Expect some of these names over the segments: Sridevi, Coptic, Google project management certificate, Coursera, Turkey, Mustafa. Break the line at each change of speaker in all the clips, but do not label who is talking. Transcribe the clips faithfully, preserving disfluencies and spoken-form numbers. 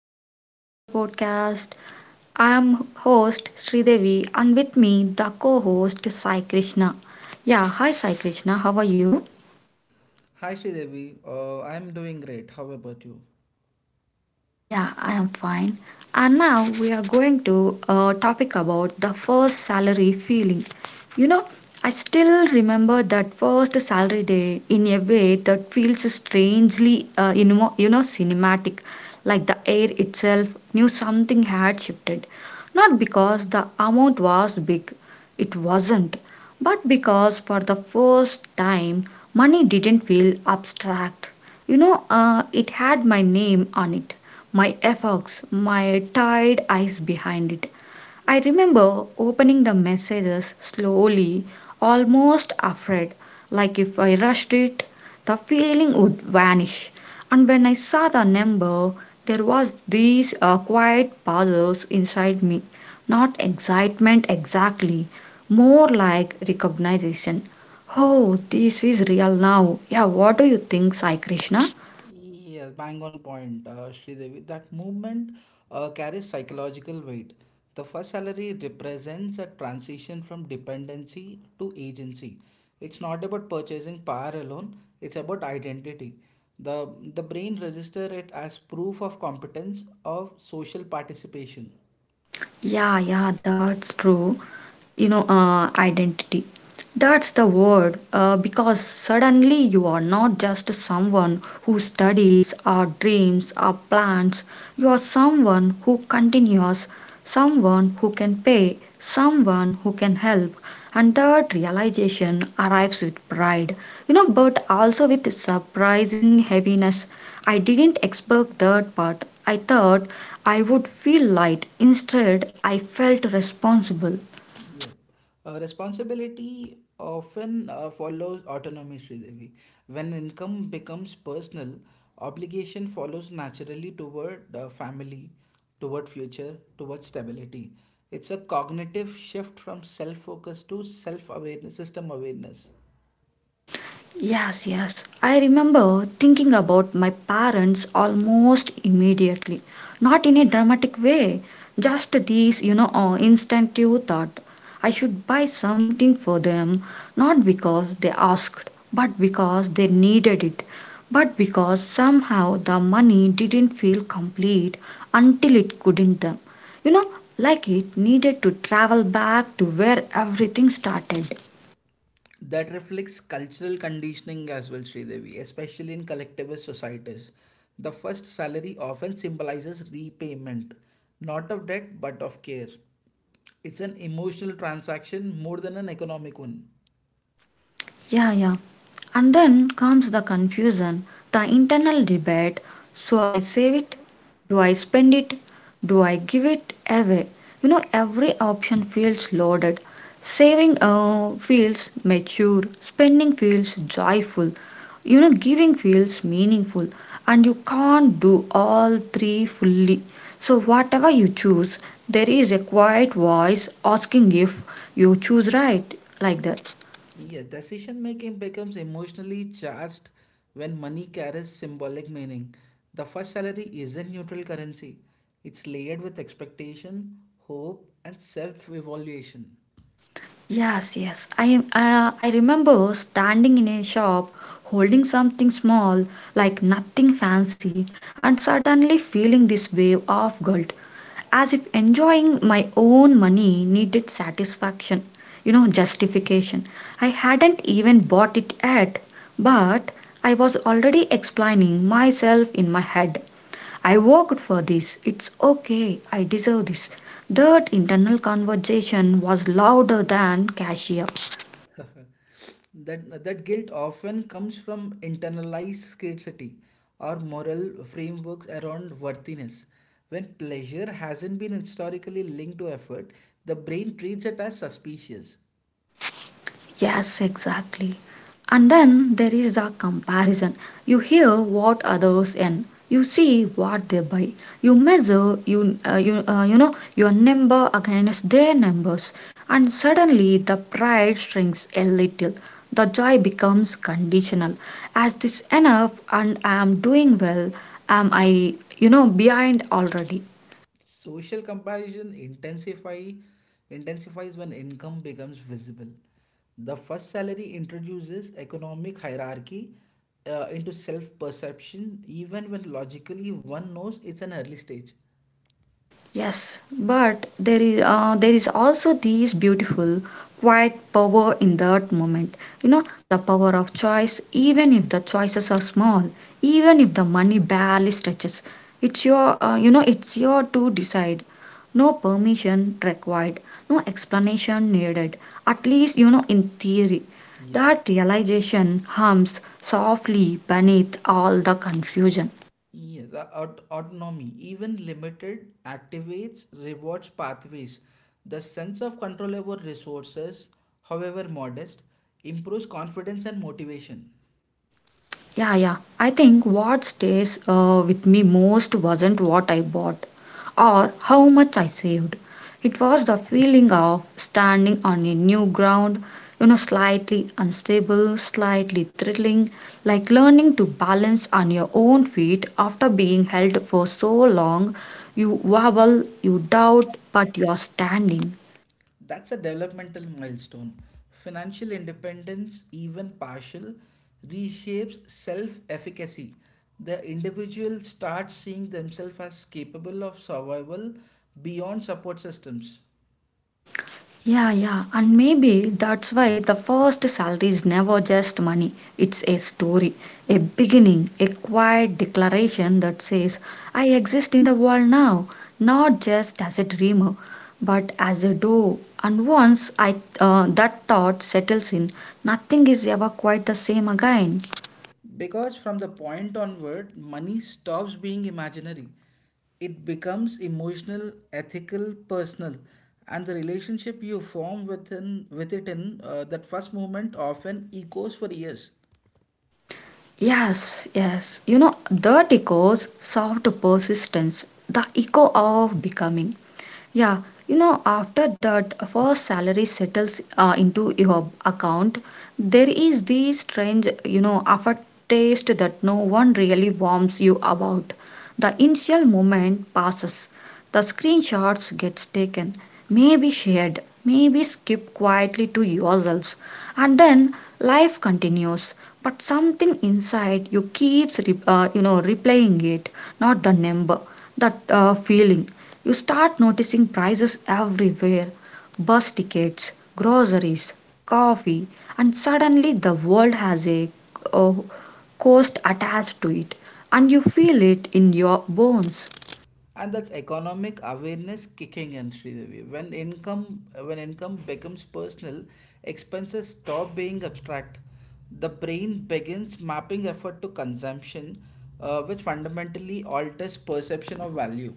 welcome back to the podcast. I am host Sridevi and with me the co-host Sai Krishna. Yeah, hi Sai Krishna, how are you?
Hi Sridevi, uh, I am doing great. How about you?
Yeah, I am fine. And now we are going to a topic about the first salary feeling. You know, I still remember that first salary day in a way that feels strangely, uh, you know, you know, cinematic. Like the air itself knew something had shifted. Not because the amount was big, it wasn't, but because for the first time, money didn't feel abstract. You know, uh, it had my name on it, my efforts, my tired eyes behind it. I remember opening the messages slowly, almost afraid, like if I rushed it, the feeling would vanish. And when I saw the number, there was these uh, quiet pauses inside me, not excitement exactly, more like recognition. Oh, this is real now. Yeah, what do you think, Sai Krishna?
Yes, bang on point, uh, Sridevi. That movement uh, carries psychological weight. The first salary represents a transition from dependency to agency. It's not about purchasing power alone, it's about identity. The, the brain registers it as proof of competence of social participation.
Yeah, yeah, that's true. You know, uh, identity. That's the word, uh, because suddenly you are not just someone who studies or dreams or plans. You are someone who continues, someone who can pay, someone who can help. And that realization arrives with pride, you know, but also with surprising heaviness. I didn't expect that part. I thought I would feel light. Instead, I felt responsible.
Yeah. Uh, responsibility often uh, follows autonomy, Sridevi. When income becomes personal, obligation follows naturally toward uh, family, toward future, toward stability. It's a cognitive shift from self focus to self awareness, system awareness.
Yes, yes. I remember thinking about my parents almost immediately. Not in a dramatic way, just this, you know, uh, instinctive thought. I should buy something for them, not because they asked, but because they needed it, but because somehow the money didn't feel complete until it couldn't them. You know, like it needed to travel back to where everything started.
That reflects cultural conditioning as well, Sridevi, especially in collectivist societies. The first salary often symbolizes repayment, not of debt but of care. It's an emotional transaction more than an economic one.
Yeah, yeah. And then comes the confusion, the internal debate. So I save it, do I spend it, do I give it away? You know, every option feels loaded. Saving uh, feels mature, spending feels joyful, you know, giving feels meaningful, and you can't do all three fully. So, whatever you choose, there is a quiet voice asking if you choose right, like that.
Yeah, decision making becomes emotionally charged when money carries symbolic meaning. The first salary isn't neutral currency, it's layered with expectation, hope, and self evaluation.
Yes, yes. I uh, I remember standing in a shop holding something small, like nothing fancy, and suddenly feeling this wave of guilt, as if enjoying my own money needed satisfaction, you know, justification. I hadn't even bought it yet, but I was already explaining myself in my head. I worked for this. It's okay. I deserve this. That internal conversation was louder than cashier.
That, that guilt often comes from internalized scarcity or moral frameworks around worthiness. When pleasure hasn't been historically linked to effort, the brain treats it as suspicious.
Yes, exactly. And then there is the comparison. You hear what others earn, you see what they buy, you measure you uh, you uh, you know your number against their numbers, and suddenly the pride shrinks a little. The joy becomes conditional. As this enough, and I am doing well. Am I you know behind already?
Social comparison intensify intensifies when income becomes visible. The first salary introduces economic hierarchy uh, into self-perception, even when logically one knows it's an early stage.
Yes, but there is uh, there is also this beautiful quiet power in that moment. You know, the power of choice, even if the choices are small, even if the money barely stretches, it's your uh, you know it's your to decide. No permission required, no explanation needed. At least you know in theory.
Yes.
That realization hums softly beneath all the confusion.
Yes, uh, aut- autonomy, even limited, activates rewards pathways. The sense of control over resources, however modest, improves confidence and motivation.
Yeah, yeah. I think what stays uh, with me most wasn't what I bought or how much I saved. It was the feeling of standing on a new ground, you know, slightly unstable, slightly thrilling, like learning to balance on your own feet after being held for so long. You wobble, you doubt, but you are standing.
That's a developmental milestone. Financial independence, even partial, reshapes self efficacy. The individual starts seeing themselves as capable of survival beyond support systems.
Yeah, yeah, and maybe that's why the first salary is never just money. It's a story, a beginning, a quiet declaration that says, I exist in the world now, not just as a dreamer, but as a door. And once I, uh, that thought settles in, nothing is ever quite the same again.
Because from the point onward, money stops being imaginary. It becomes emotional, ethical, personal, and the relationship you form within with it in uh, that first moment often echoes for years.
Yes, yes. You know, that echoes soft persistence, the echo of becoming. Yeah, you know, after that first salary settles uh, into your account, there is this strange, you know, aftertaste that no one really warns you about. The initial moment passes. The screenshots gets taken, maybe shared, maybe skipped quietly to yourselves, and then life continues, but something inside you keeps re- uh, you know replaying it, not the number, that uh, feeling. You start noticing prices everywhere: bus tickets, groceries, coffee. And suddenly the world has a uh, cost attached to it, and you feel it in your bones.
And that's economic awareness kicking in, Sridevi. When income when income becomes personal, expenses stop being abstract. The brain begins mapping effort to consumption, uh, which fundamentally alters perception of value.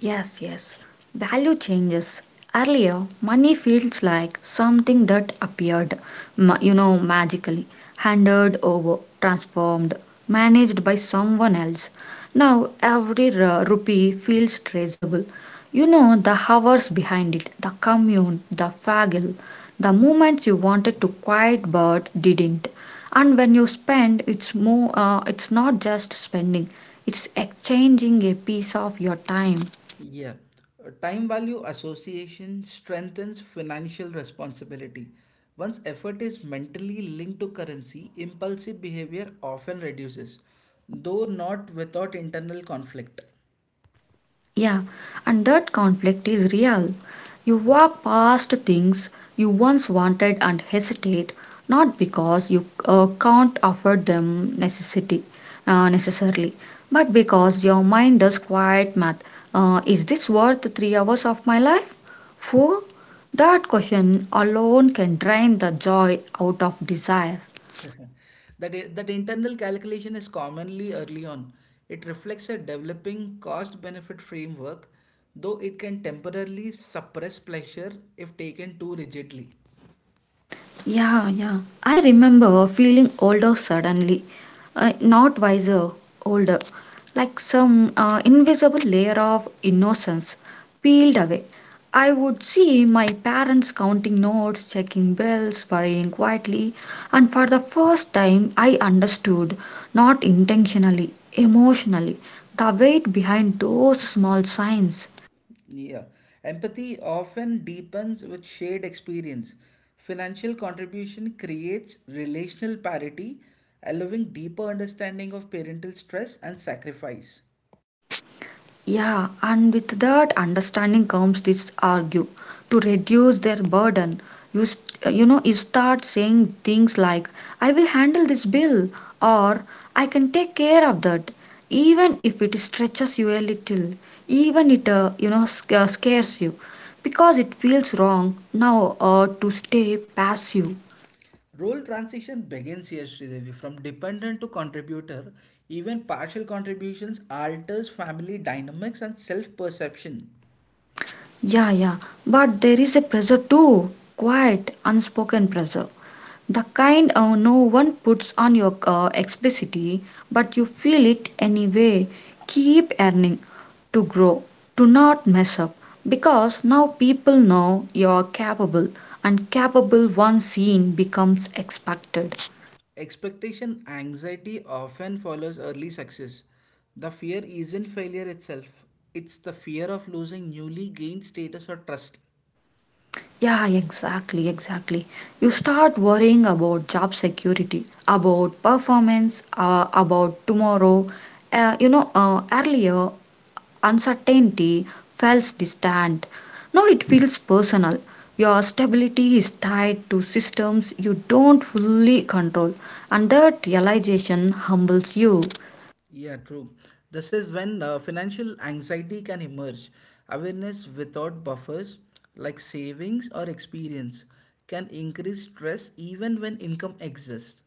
Yes, yes. Value changes. Earlier, money feels like something that appeared, ma- you know, magically, handed over, transformed, managed by someone else. Now, every ru- rupee feels traceable. You know the hours behind it, the commune, the faggle, the moments you wanted to quiet but didn't. And when you spend, it's more. Uh, it's not just spending; it's exchanging a piece of your time.
Yeah. Uh, Time value association strengthens financial responsibility. Once effort is mentally linked to currency, impulsive behavior often reduces, though not without internal conflict.
Yeah, and that conflict is real. You walk past things you once wanted and hesitate, not because you uh, can't afford them necessity, uh, necessarily, but because your mind does quiet math. Uh, is this worth three hours of my life? Four? That question alone can drain the joy out of desire.
That i- that internal calculation is commonly early on. It reflects a developing cost-benefit framework, though it can temporarily suppress pleasure if taken too rigidly.
Yeah, yeah. I remember feeling older suddenly. Uh, not wiser, older. Like some uh, invisible layer of innocence peeled away. I would see my parents counting notes, checking bills, worrying quietly, and for the first time I understood, not intentionally, emotionally, the weight behind those small signs.
Yeah. Empathy often deepens with shared experience. Financial contribution creates relational parity, allowing deeper understanding of parental stress and sacrifice.
Yeah, and with that understanding comes this argue to reduce their burden. You, st- you know, you start saying things like, I will handle this bill or I can take care of that, even if it stretches you a little, even it, uh, you know, sc- uh, scares you because it feels wrong now uh, to stay passive.
Role transition begins here, Sridevi, from dependent to contributor. Even partial contributions alters family dynamics and self-perception.
Yeah, yeah, but there is a pressure too, quiet, unspoken pressure. The kind uh, no one puts on your uh, explicitly, but you feel it anyway. Keep earning to grow. Do not mess up because now people know you're capable, and capable once seen becomes expected.
Expectation anxiety often follows early success. The fear isn't failure itself. It's the fear of losing newly gained status or trust.
Yeah, exactly, exactly. You start worrying about job security, about performance, uh, about tomorrow. Uh, you know, uh, earlier uncertainty feels distant. Now it feels personal. Your stability is tied to systems you don't fully control, and that realization humbles you.
Yeah, true. This is when uh, financial anxiety can emerge. Awareness without buffers, like savings or experience, can increase stress even when income exists.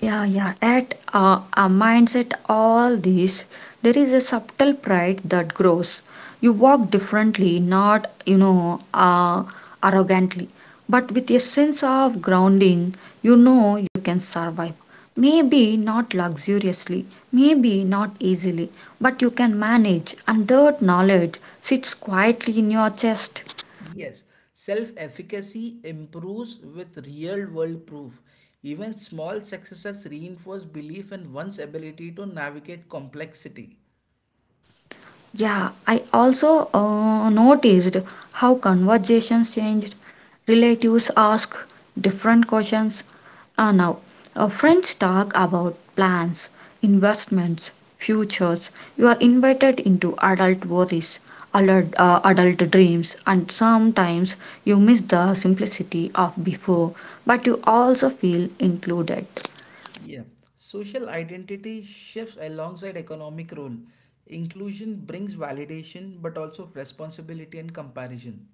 Yeah, yeah. At uh, our mindset, all this, there is a subtle pride that grows. You walk differently, not, you know, uh, arrogantly, but with a sense of grounding, you know you can survive. Maybe not luxuriously, maybe not easily, but you can manage, and that knowledge sits quietly in your chest.
Yes, self efficacy improves with real world proof. Even small successes reinforce belief in one's ability to navigate complexity.
Yeah, I also uh, noticed how conversations changed. Relatives ask different questions uh, now. Uh, friends talk about plans, investments, futures. You are invited into adult worries, alert, uh, adult dreams, and sometimes you miss the simplicity of before, but you also feel included.
Yeah, social identity shifts alongside economic role. Inclusion brings validation but also responsibility and comparison.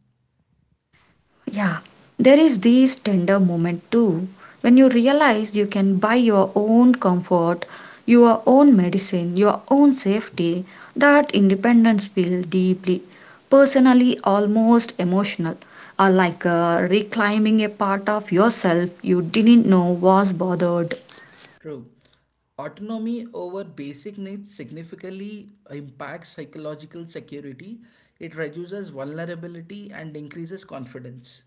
Yeah, there is this tender moment too when you realize you can buy your own comfort, your own medicine, your own safety. That independence feels deeply, personally, almost emotional, or like uh, reclaiming a part of yourself you didn't know was bothered.
True. Autonomy over basic needs significantly impacts psychological security. It reduces vulnerability and increases confidence.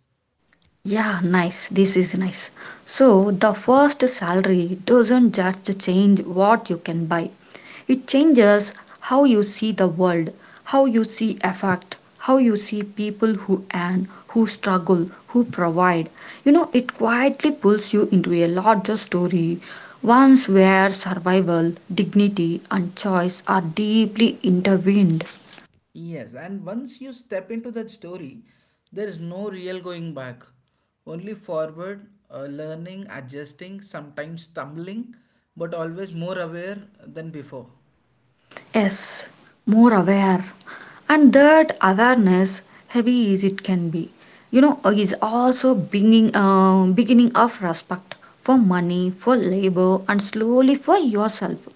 Yeah, nice. This is nice. So, the first salary doesn't just change what you can buy, it changes how you see the world, how you see effect, how you see people who earn, who struggle, who provide. You know, it quietly pulls you into a larger story, ones where survival, dignity, and choice are deeply intertwined.
Yes, and once you step into that story, there is no real going back. Only forward, uh, learning, adjusting, sometimes stumbling, but always more aware than before.
Yes, more aware, and that awareness, heavy as it can be, you know uh, is also beginning uh, beginning of respect for money, for labor, and slowly for yourself.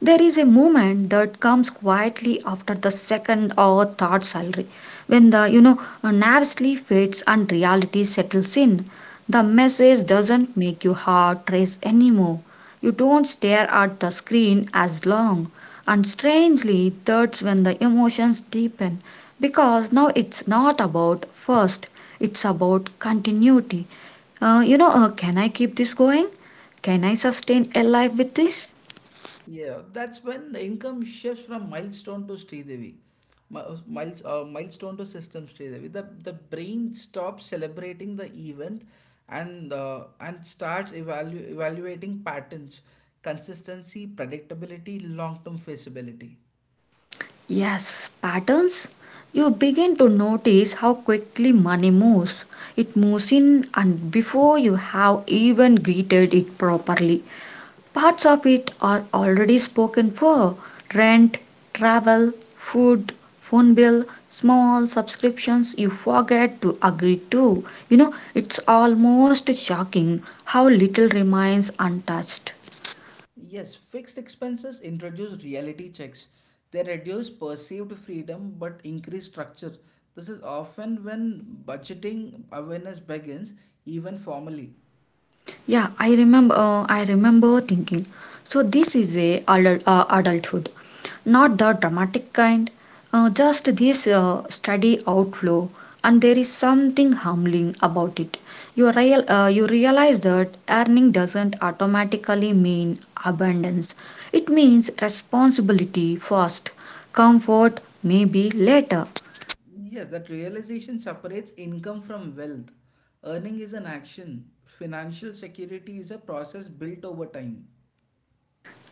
There is a moment that comes quietly after the second or third salary when the you know nervously fades and reality settles in. The message doesn't make your heart race anymore. You don't stare at the screen as long. And strangely, that's when the emotions deepen because now it's not about first, it's about continuity. Uh, you know, uh, can I keep this going? Can I sustain a life with this?
Yeah, that's when the income shifts from milestone to Sridevi. Mi- Miles, uh, milestone to system, Sridevi. The, the brain stops celebrating the event and uh, and starts evalu- evaluating patterns, consistency, predictability, long-term feasibility.
Yes, patterns. You begin to notice how quickly money moves. It moves in, and before you have even greeted it properly, parts of it are already spoken for: rent, travel, food, phone bill, small subscriptions you forget to agree to. You know, it's almost shocking how little remains untouched.
Yes, fixed expenses introduce reality checks. They reduce perceived freedom but increase structure. This is often when budgeting awareness begins, even formally.
Yeah, I remember. Uh, I remember thinking, so this is a adult, uh, adulthood, not the dramatic kind, uh, just this uh, steady outflow, and there is something humbling about it. You real, uh, you realize that earning doesn't automatically mean abundance. It means responsibility first, comfort maybe later.
Yes, that realization separates income from wealth. Earning is an action, financial security is a process built over time.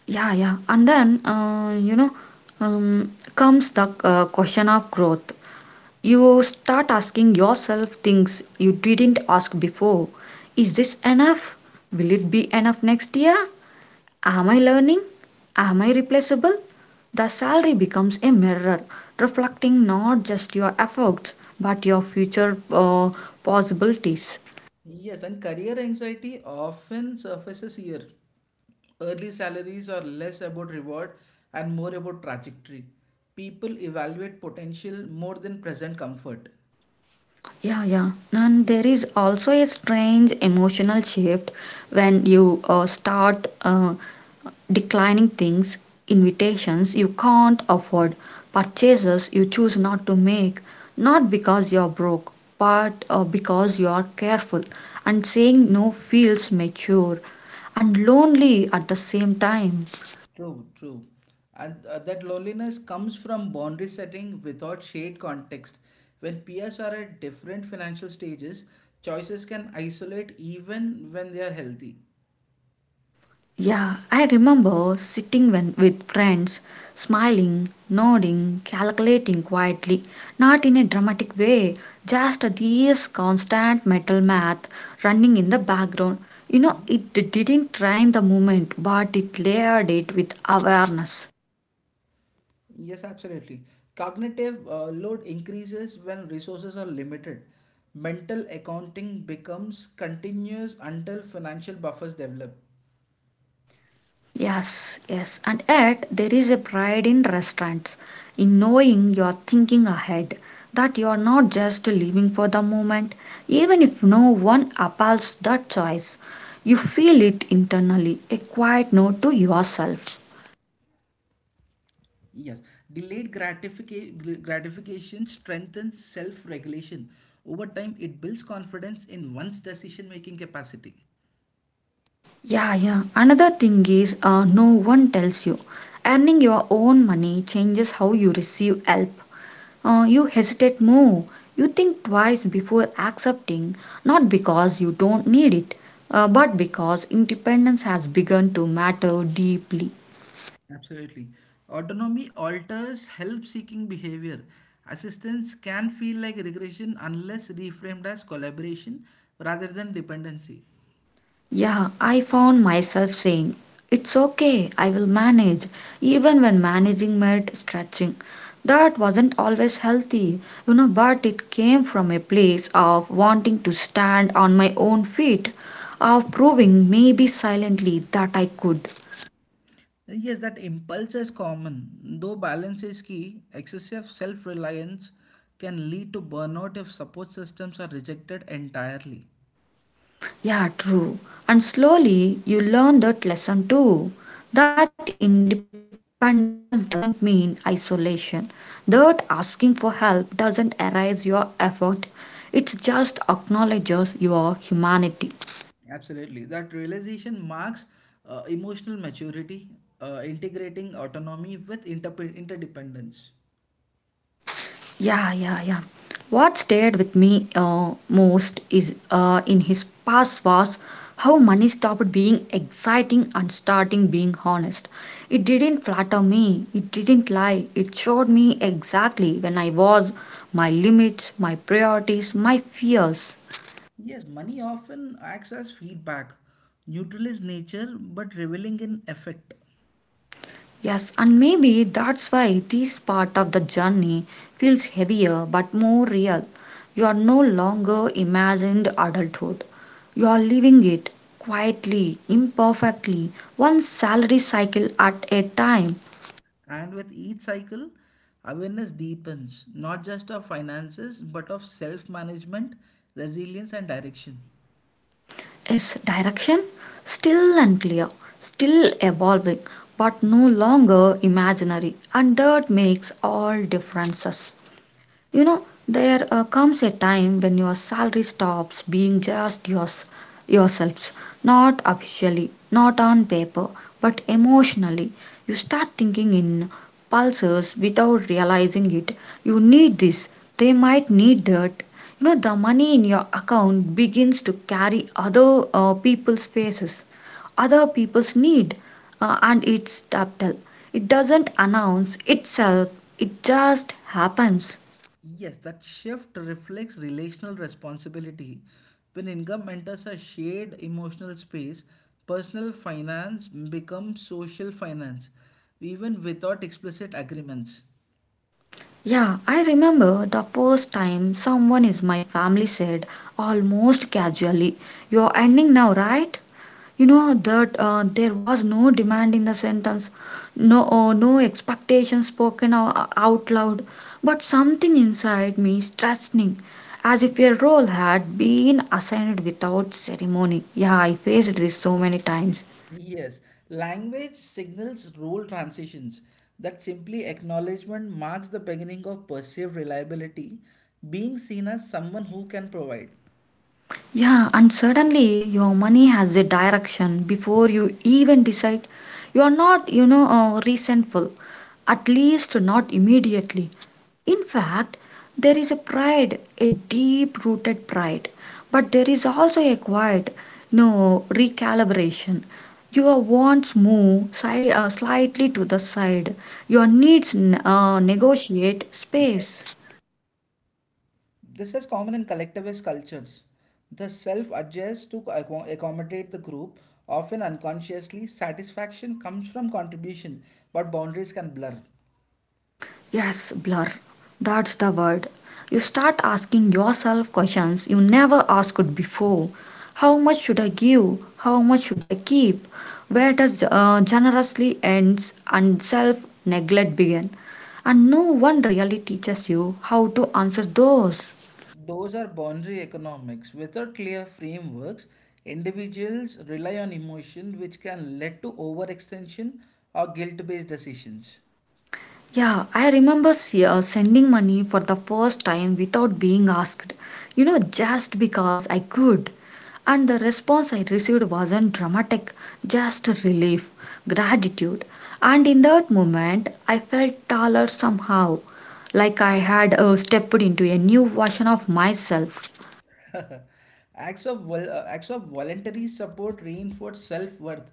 Yeah, yeah, and then uh, you know um, comes the uh, question of growth. You start asking yourself things you didn't ask before. Is this enough? Will it be enough next year? Am I learning? Am I replaceable? The salary becomes a mirror reflecting not just your efforts but your future uh, possibilities.
Yes, and career anxiety often surfaces here. Early salaries are less about reward and more about trajectory. People evaluate potential more than present comfort.
Yeah, yeah. And there is also a strange emotional shift when you uh, start uh, declining things, invitations you can't afford, purchases you choose not to make, not because you're broke, but uh, because you are careful. And saying no feels mature and lonely at the same time.
True, true. And uh, that loneliness comes from boundary setting without shared context. When peers are at different financial stages, choices can isolate even when they are healthy.
Yeah, I remember sitting when, with friends, smiling, nodding, calculating quietly, not in a dramatic way, just this constant mental
Hmm?
math running in the background. You know, it didn't train the movement, but it layered it with awareness.
Yes, absolutely. Cognitive uh, load increases when resources are limited. Mental accounting becomes continuous until financial buffers develop.
Yes, yes. And yet, there is a pride in restaurants, in knowing you're thinking ahead, that you're not just living for the moment. Even if no one appals that choice, you feel it internally, a quiet note to yourself.
Yes, delayed gratifica- gratification strengthens self regulation. Over time, it builds confidence in one's decision making capacity.
Yeah, yeah. Another thing is, uh, no one tells you. Earning your own money changes how you receive help. Uh, you hesitate more. You think twice before accepting, not because you don't need it, uh, but because independence has begun to matter deeply.
Absolutely. Autonomy alters help seeking behavior. Assistance can feel like regression unless reframed as collaboration rather than dependency.
Yeah, I found myself saying, "It's okay, I will manage," even when managing meant stretching. That wasn't always healthy, you know, but it came from a place of wanting to stand on my own feet, of proving maybe silently that I could.
And yes, that impulse is common, though balance is key. Excessive self reliance can lead to burnout if support systems are rejected entirely.
Yeah, true. And slowly you learn that lesson too. That independence doesn't mean isolation. That asking for help doesn't erase your effort. It just acknowledges your humanity.
Absolutely. That realization marks uh, emotional maturity, uh, integrating autonomy with interpe- interdependence.
Yeah, yeah, yeah. What stayed with me uh, most is, uh, in his past, was how money stopped being exciting and starting being honest. It didn't flatter me, it didn't lie, it showed me exactly when I was, my limits, my priorities, my fears.
Yes, money often acts as feedback. Neutral is nature, but revealing in effect.
Yes, and maybe that's why this part of the journey feels heavier but more real. You are no longer imagined adulthood. You are living it quietly, imperfectly, one salary cycle at a time.
And with each cycle, awareness deepens, not just of finances, but of self management, resilience, and direction.
Yes, direction still unclear, still evolving, but no longer imaginary, and that makes all differences. You know, there uh, comes a time when your salary stops being just yours, yourselves, not officially, not on paper, but emotionally. You start thinking in pulses without realizing it. You need this, they might need that. You know, the money in your account begins to carry other uh, people's faces, other people's need, uh, and it's subtle. It doesn't announce itself, it just happens.
Yes, that shift reflects relational responsibility. When income enters a shared emotional space, personal finance becomes social finance, even without explicit agreements.
Yeah, I remember the first time someone in my family said, almost casually, "You're ending now, right?" You know that, uh, there was no demand in the sentence, no, uh, no expectation spoken o- out loud, but something inside me stressing, as if a role had been assigned without ceremony. Yeah, I faced this so many times.
Yes, language signals role transitions that simply acknowledgement marks the beginning of perceived reliability, being seen as someone who can provide.
Yeah, and suddenly your money has a direction before you even decide. You are not, you know, uh, resentful, at least not immediately. In fact, there is a pride, a deep rooted pride, but there is also a quiet, you know, recalibration. Your wants move si- uh, slightly to the side, your
Yes.
needs n- uh, negotiate space.
This is common in collectivist cultures. The self adjusts to acco- accommodate the group, often unconsciously. Satisfaction comes from contribution, but boundaries can blur.
Yes, blur. That's the word. You start asking yourself questions you never asked before. How much should I give? How much should I keep? Where does uh, generously ends and self neglect begin? And no one really teaches you how to answer those.
Those are boundary economics. Without clear frameworks, individuals rely on emotion, which can lead to overextension or guilt-based decisions.
Yeah, I remember s- uh, sending money for the first time without being asked, you know, just because I could. And the response I received wasn't dramatic, just relief, gratitude. And in that moment, I felt taller somehow, like I had uh, stepped into a new version of myself.
acts of vol- uh, acts of voluntary support reinforce self-worth.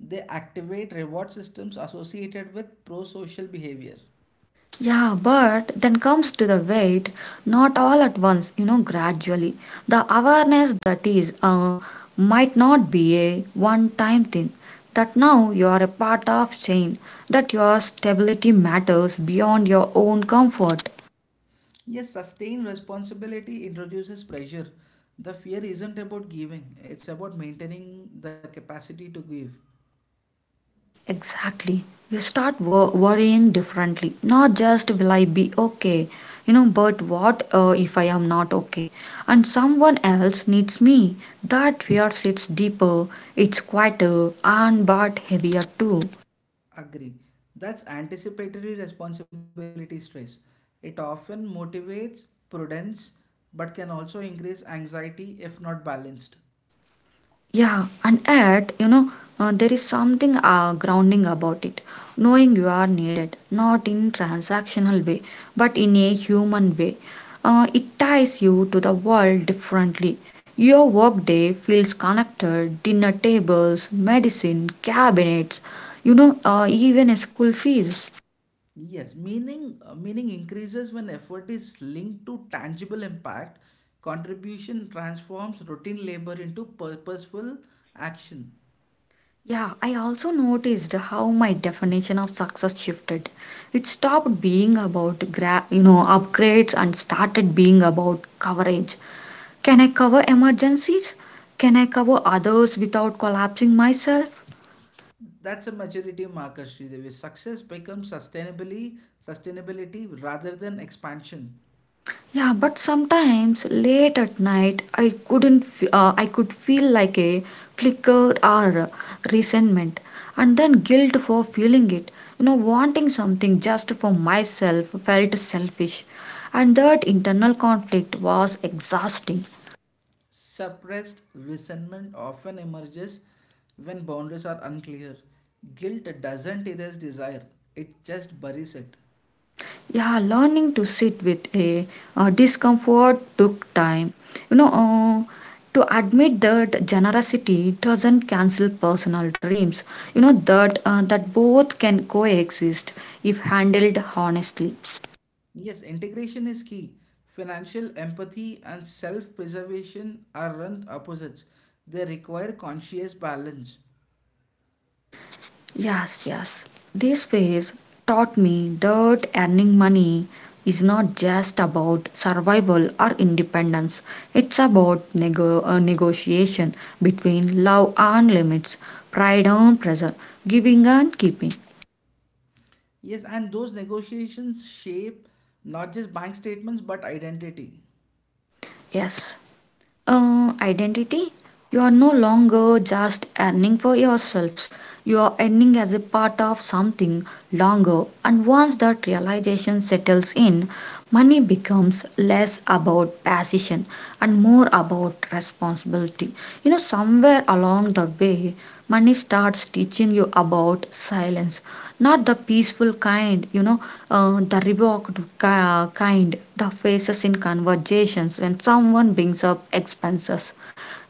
They activate reward systems associated with pro-social behavior.
Yeah, but then comes to the weight, not all at once, you know, gradually. The awareness that is, uh, might not be a one time thing, that now you are a part of chain, that your stability matters beyond your own comfort.
Yes, sustained responsibility introduces pressure. The fear isn't about giving; it's about maintaining the capacity to give.
Exactly. You start wor- worrying differently. Not just will I be okay, you know, but what, uh, if I am not okay? And someone else needs me. That fear sits deeper, it's quieter, and but heavier too.
Agree. That's anticipatory responsibility stress. It often motivates prudence but can also increase anxiety if not balanced.
Yeah, and yet, you know, uh, there is something uh, grounding about it. Knowing you are needed, not in transactional way, but in a human way. Uh, it ties you to the world differently. Your workday feels connected, dinner tables, medicine, cabinets, you know, uh, even school fees.
Yes, meaning uh, meaning increases when effort is linked to tangible impact. Contribution transforms routine labor into purposeful action.
Yeah, I also noticed how my definition of success shifted. It stopped being about gra- you know, upgrades, and started being about coverage. Can I cover emergencies? Can I cover others without collapsing myself?
That's a maturity marker, Sridevi. Success becomes sustainably sustainability rather than expansion.
Yeah, but sometimes late at night I couldn't f- uh, I could feel like a flicker or resentment and then guilt for feeling it. You know, wanting something just for myself felt selfish and that internal conflict was exhausting.
Suppressed resentment often emerges when boundaries are unclear. Guilt doesn't erase desire, it just buries it.
Yeah, learning to sit with a, uh discomfort took time. You know, uh, to admit that generosity doesn't cancel personal dreams. You know that, uh, that both can coexist if handled honestly.
Yes, integration is key. Financial empathy and self preservation are run opposites. They require conscious balance.
Yes, yes. This phase taught me that earning money is not just about survival or independence. It's about nego- uh, negotiation between love and limits, pride and pressure, giving and keeping.
Yes, and those negotiations shape not just bank statements but identity.
Yes. Uh, identity. You are no longer just earning for yourselves, you are earning as a part of something longer, and once that realization settles in, money becomes less about passion and more about responsibility. You know, somewhere along the way money starts teaching you about silence, not the peaceful kind, you know, uh, the revoked ki- kind, the faces in conversations when someone brings up expenses,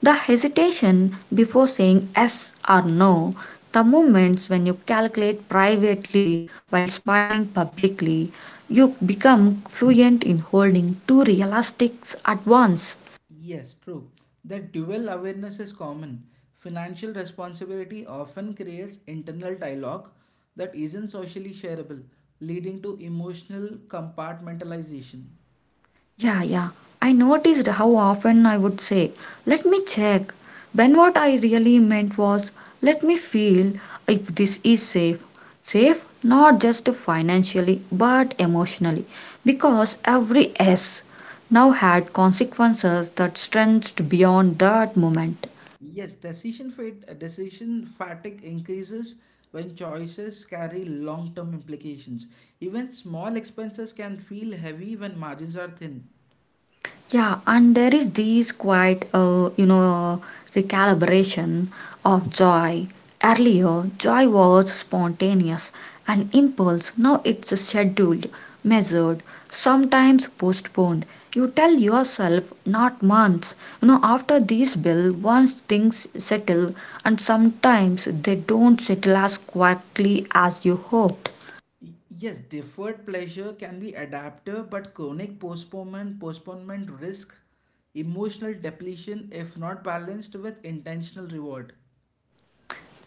the hesitation before saying yes or no, the moments when you calculate privately while smiling publicly. You become fluent in holding two realistics at once.
Yes, true. That dual awareness is common. Financial responsibility often creates internal dialogue that isn't socially shareable, leading to emotional compartmentalization.
Yeah, yeah. I noticed how often I would say, "Let me check," when what I really meant was, "Let me feel if this is safe." Safe not just financially but emotionally, because every S now had consequences that stretched beyond that moment.
Yes, decision fat- decision fatigue increases when choices carry long-term implications. Even small expenses can feel heavy when margins are thin.
Yeah, and there is this quite, uh, you know, recalibration of joy. Earlier, joy was spontaneous, an impulse. Now it's scheduled, measured, sometimes postponed. You tell yourself, not months. You know, after these bill, once things settle, and sometimes they don't settle as quickly as you hoped.
Y- Yes, deferred pleasure can be adaptive, but chronic postponement postponement risk emotional depletion if not balanced with intentional reward.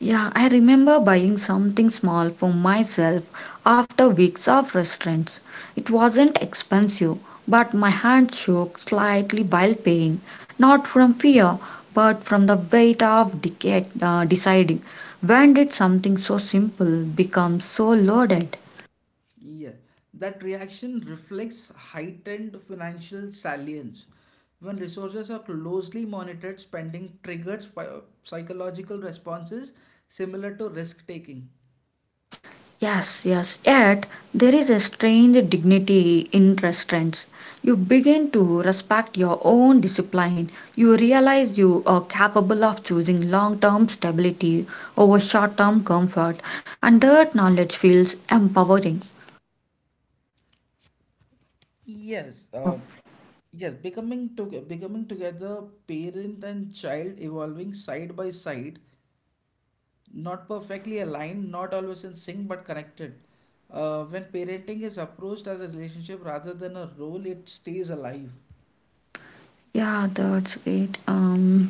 Yeah, I remember buying something small for myself after weeks of restaurants. It wasn't expensive, but my hand shook slightly while paying, not from fear, but from the weight of decade, uh, deciding. When did something so simple become so loaded?
Yeah, that reaction reflects heightened financial salience. When resources are closely monitored, spending triggers pi- psychological responses similar to risk taking.
Yes, yes. Yet there is a strange dignity in restaurants. You begin to respect your own discipline. You realize you are capable of choosing long term stability over short term comfort, and that knowledge feels empowering.
Yes, uh,
Yeah.
yes, becoming to becoming together, parent and child evolving side by side, not perfectly aligned, not always in sync, but connected. Uh, when parenting is approached as a relationship rather than a role, it stays alive.
Yeah, that's great. Um,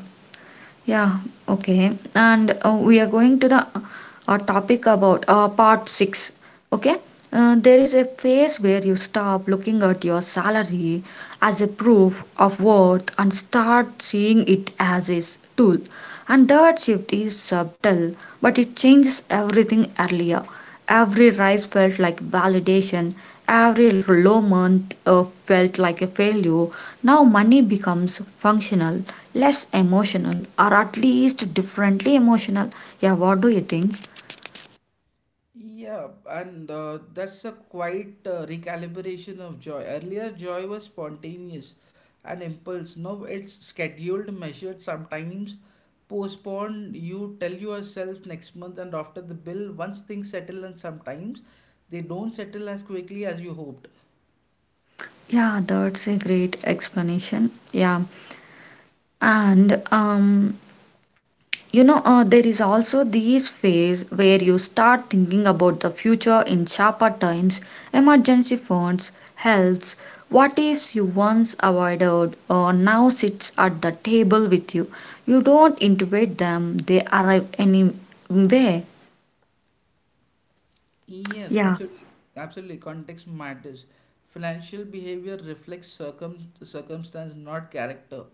Yeah, okay. And uh, we are going to the uh, topic about uh, part six. Okay, uh, there is a phase where you stop looking at your salary as a proof of worth and start seeing it as a s- tool. And that shift is subtle, but it changes everything earlier. Every rise felt like validation, every low month uh, felt like a failure. Now money becomes functional, less emotional, or at least differently emotional. Yeah, what do you think?
Yeah, and uh, that's a quite uh, recalibration of joy. Earlier, joy was spontaneous and impulse. Now it's scheduled, measured, sometimes postponed. You tell yourself next month and after the bill, once things settle, and sometimes they don't settle as quickly as you hoped.
Yeah, that's a great explanation. Yeah, and um you know, uh, there is also this phase where you start thinking about the future in sharper times, emergency funds, health, what ifs you once avoided or now sits at the table with you. You don't intuit them, they arrive anyway.
Yes,
Yeah.
absolutely. Absolutely. Context matters. Financial behavior reflects circum circumstance, not character.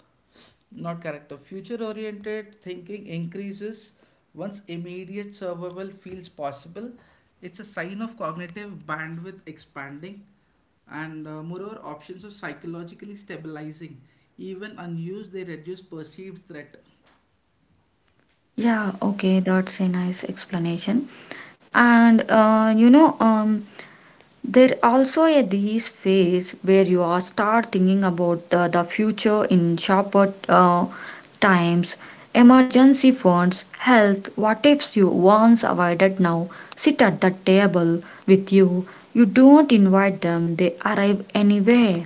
Not character. Future-oriented thinking increases once immediate survival feels possible. It's a sign of cognitive bandwidth expanding, and uh, moreover options are psychologically stabilizing. Even unused, they reduce perceived threat.
Yeah, okay, that's a nice explanation. And uh, you know, um, there also a this phase where you are start thinking about the, the future in sharper uh, times, emergency funds, health, what ifs you once avoided now sit at the table with you. You don't invite them, they arrive anyway.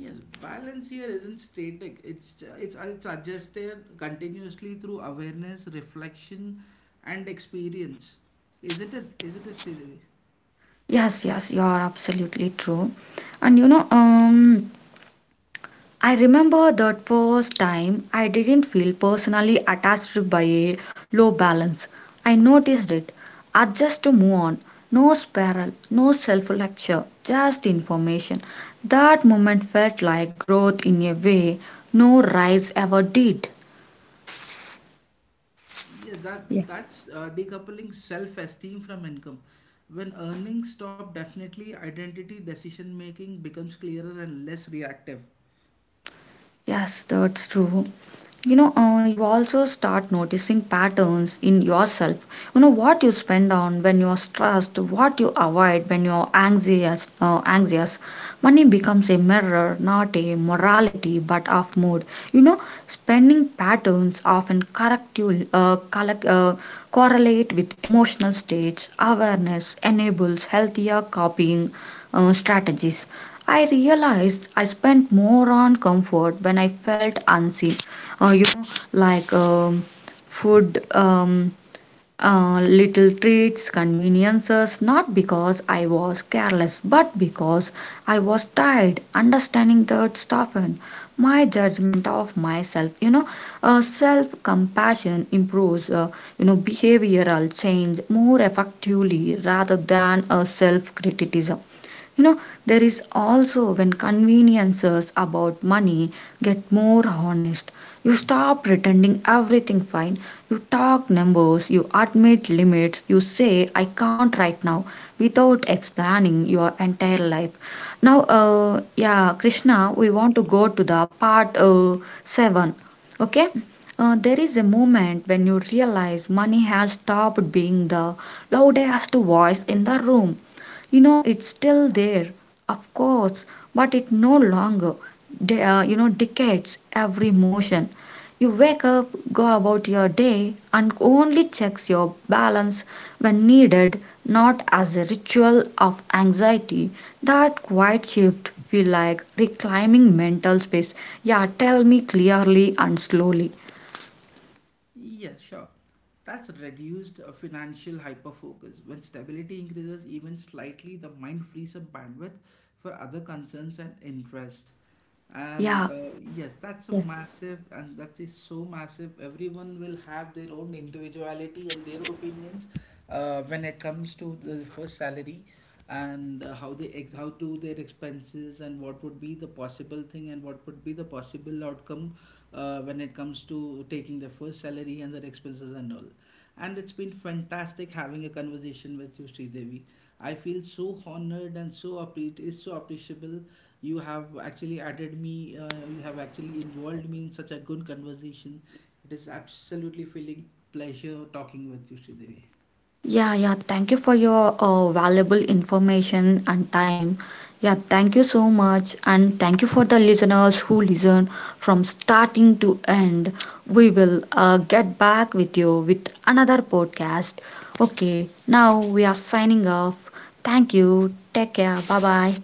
Yes, balance here isn't static. It's it's it's adjusted continuously through awareness, reflection, and experience. Isn't it? Isn't it, Sridevi?
Yes, yes, you are absolutely true. And you know, um, I remember that first time I didn't feel personally attached by a low balance. I noticed it. I just move on. No spiral, no self lecture, just information. That moment felt like growth in a way no rise ever did.
Yes, that
Yeah.
that's uh, decoupling self-esteem from income. When earnings stop, definitely identity decision making becomes clearer and less reactive.
Yes, that's true. You know, uh, you also start noticing patterns in yourself. You know what you spend on when you're stressed, what you avoid when you're anxious. Uh, anxious money becomes a mirror, not a morality, but of mood. You know, spending patterns often correct you, uh, collect, uh, correlate with emotional states. Awareness enables healthier copying uh, strategies. I realized I spent more on comfort when I felt unseen, uh, you know, like, um, food, um, uh, little treats, conveniences, not because I was careless, but because I was tired. Understanding that softened my judgment of myself. You know, uh, self compassion improves, uh, you know, behavioral change more effectively rather than a self criticism. You know, there is also when conveniences about money get more honest. You stop pretending everything fine. You talk numbers, you admit limits, you say I can't right now without explaining your entire life. Now, uh, yeah, Krishna, we want to go to the part uh, seven. Okay? Uh, there is a moment when you realize money has stopped being the loudest voice in the room. You know, it's still there, of course, but it no longer, de- uh, you know, dictates every motion. You wake up, go about your day, and only checks your balance when needed, not as a ritual of anxiety. That quiet shift feel like reclaiming mental space. Yeah, tell me clearly and slowly.
Yes, sure. That's reduced uh, financial hyperfocus. When stability increases even slightly, the mind frees up bandwidth for other concerns and interest. And
Yeah.
uh, yes, that's a massive, and that is so massive. Everyone will have their own individuality and their opinions uh, when it comes to the first salary and uh, how they ex how to their expenses and what would be the possible thing and what would be the possible outcome uh, when it comes to taking their first salary and their expenses and all. And it's been fantastic having a conversation with you, Sridevi. I feel so honored and so appre- it's so appreciable. You have actually added me, uh, you have actually involved me in such a good conversation. It is absolutely feeling pleasure talking with you, Sridevi.
Yeah, yeah. Thank you for your uh, valuable information and time. Yeah, thank you so much. And thank you for the listeners who listen from starting to end. We will uh, get back with you with another podcast. Okay, now we are signing off. Thank you. Take care. Bye bye.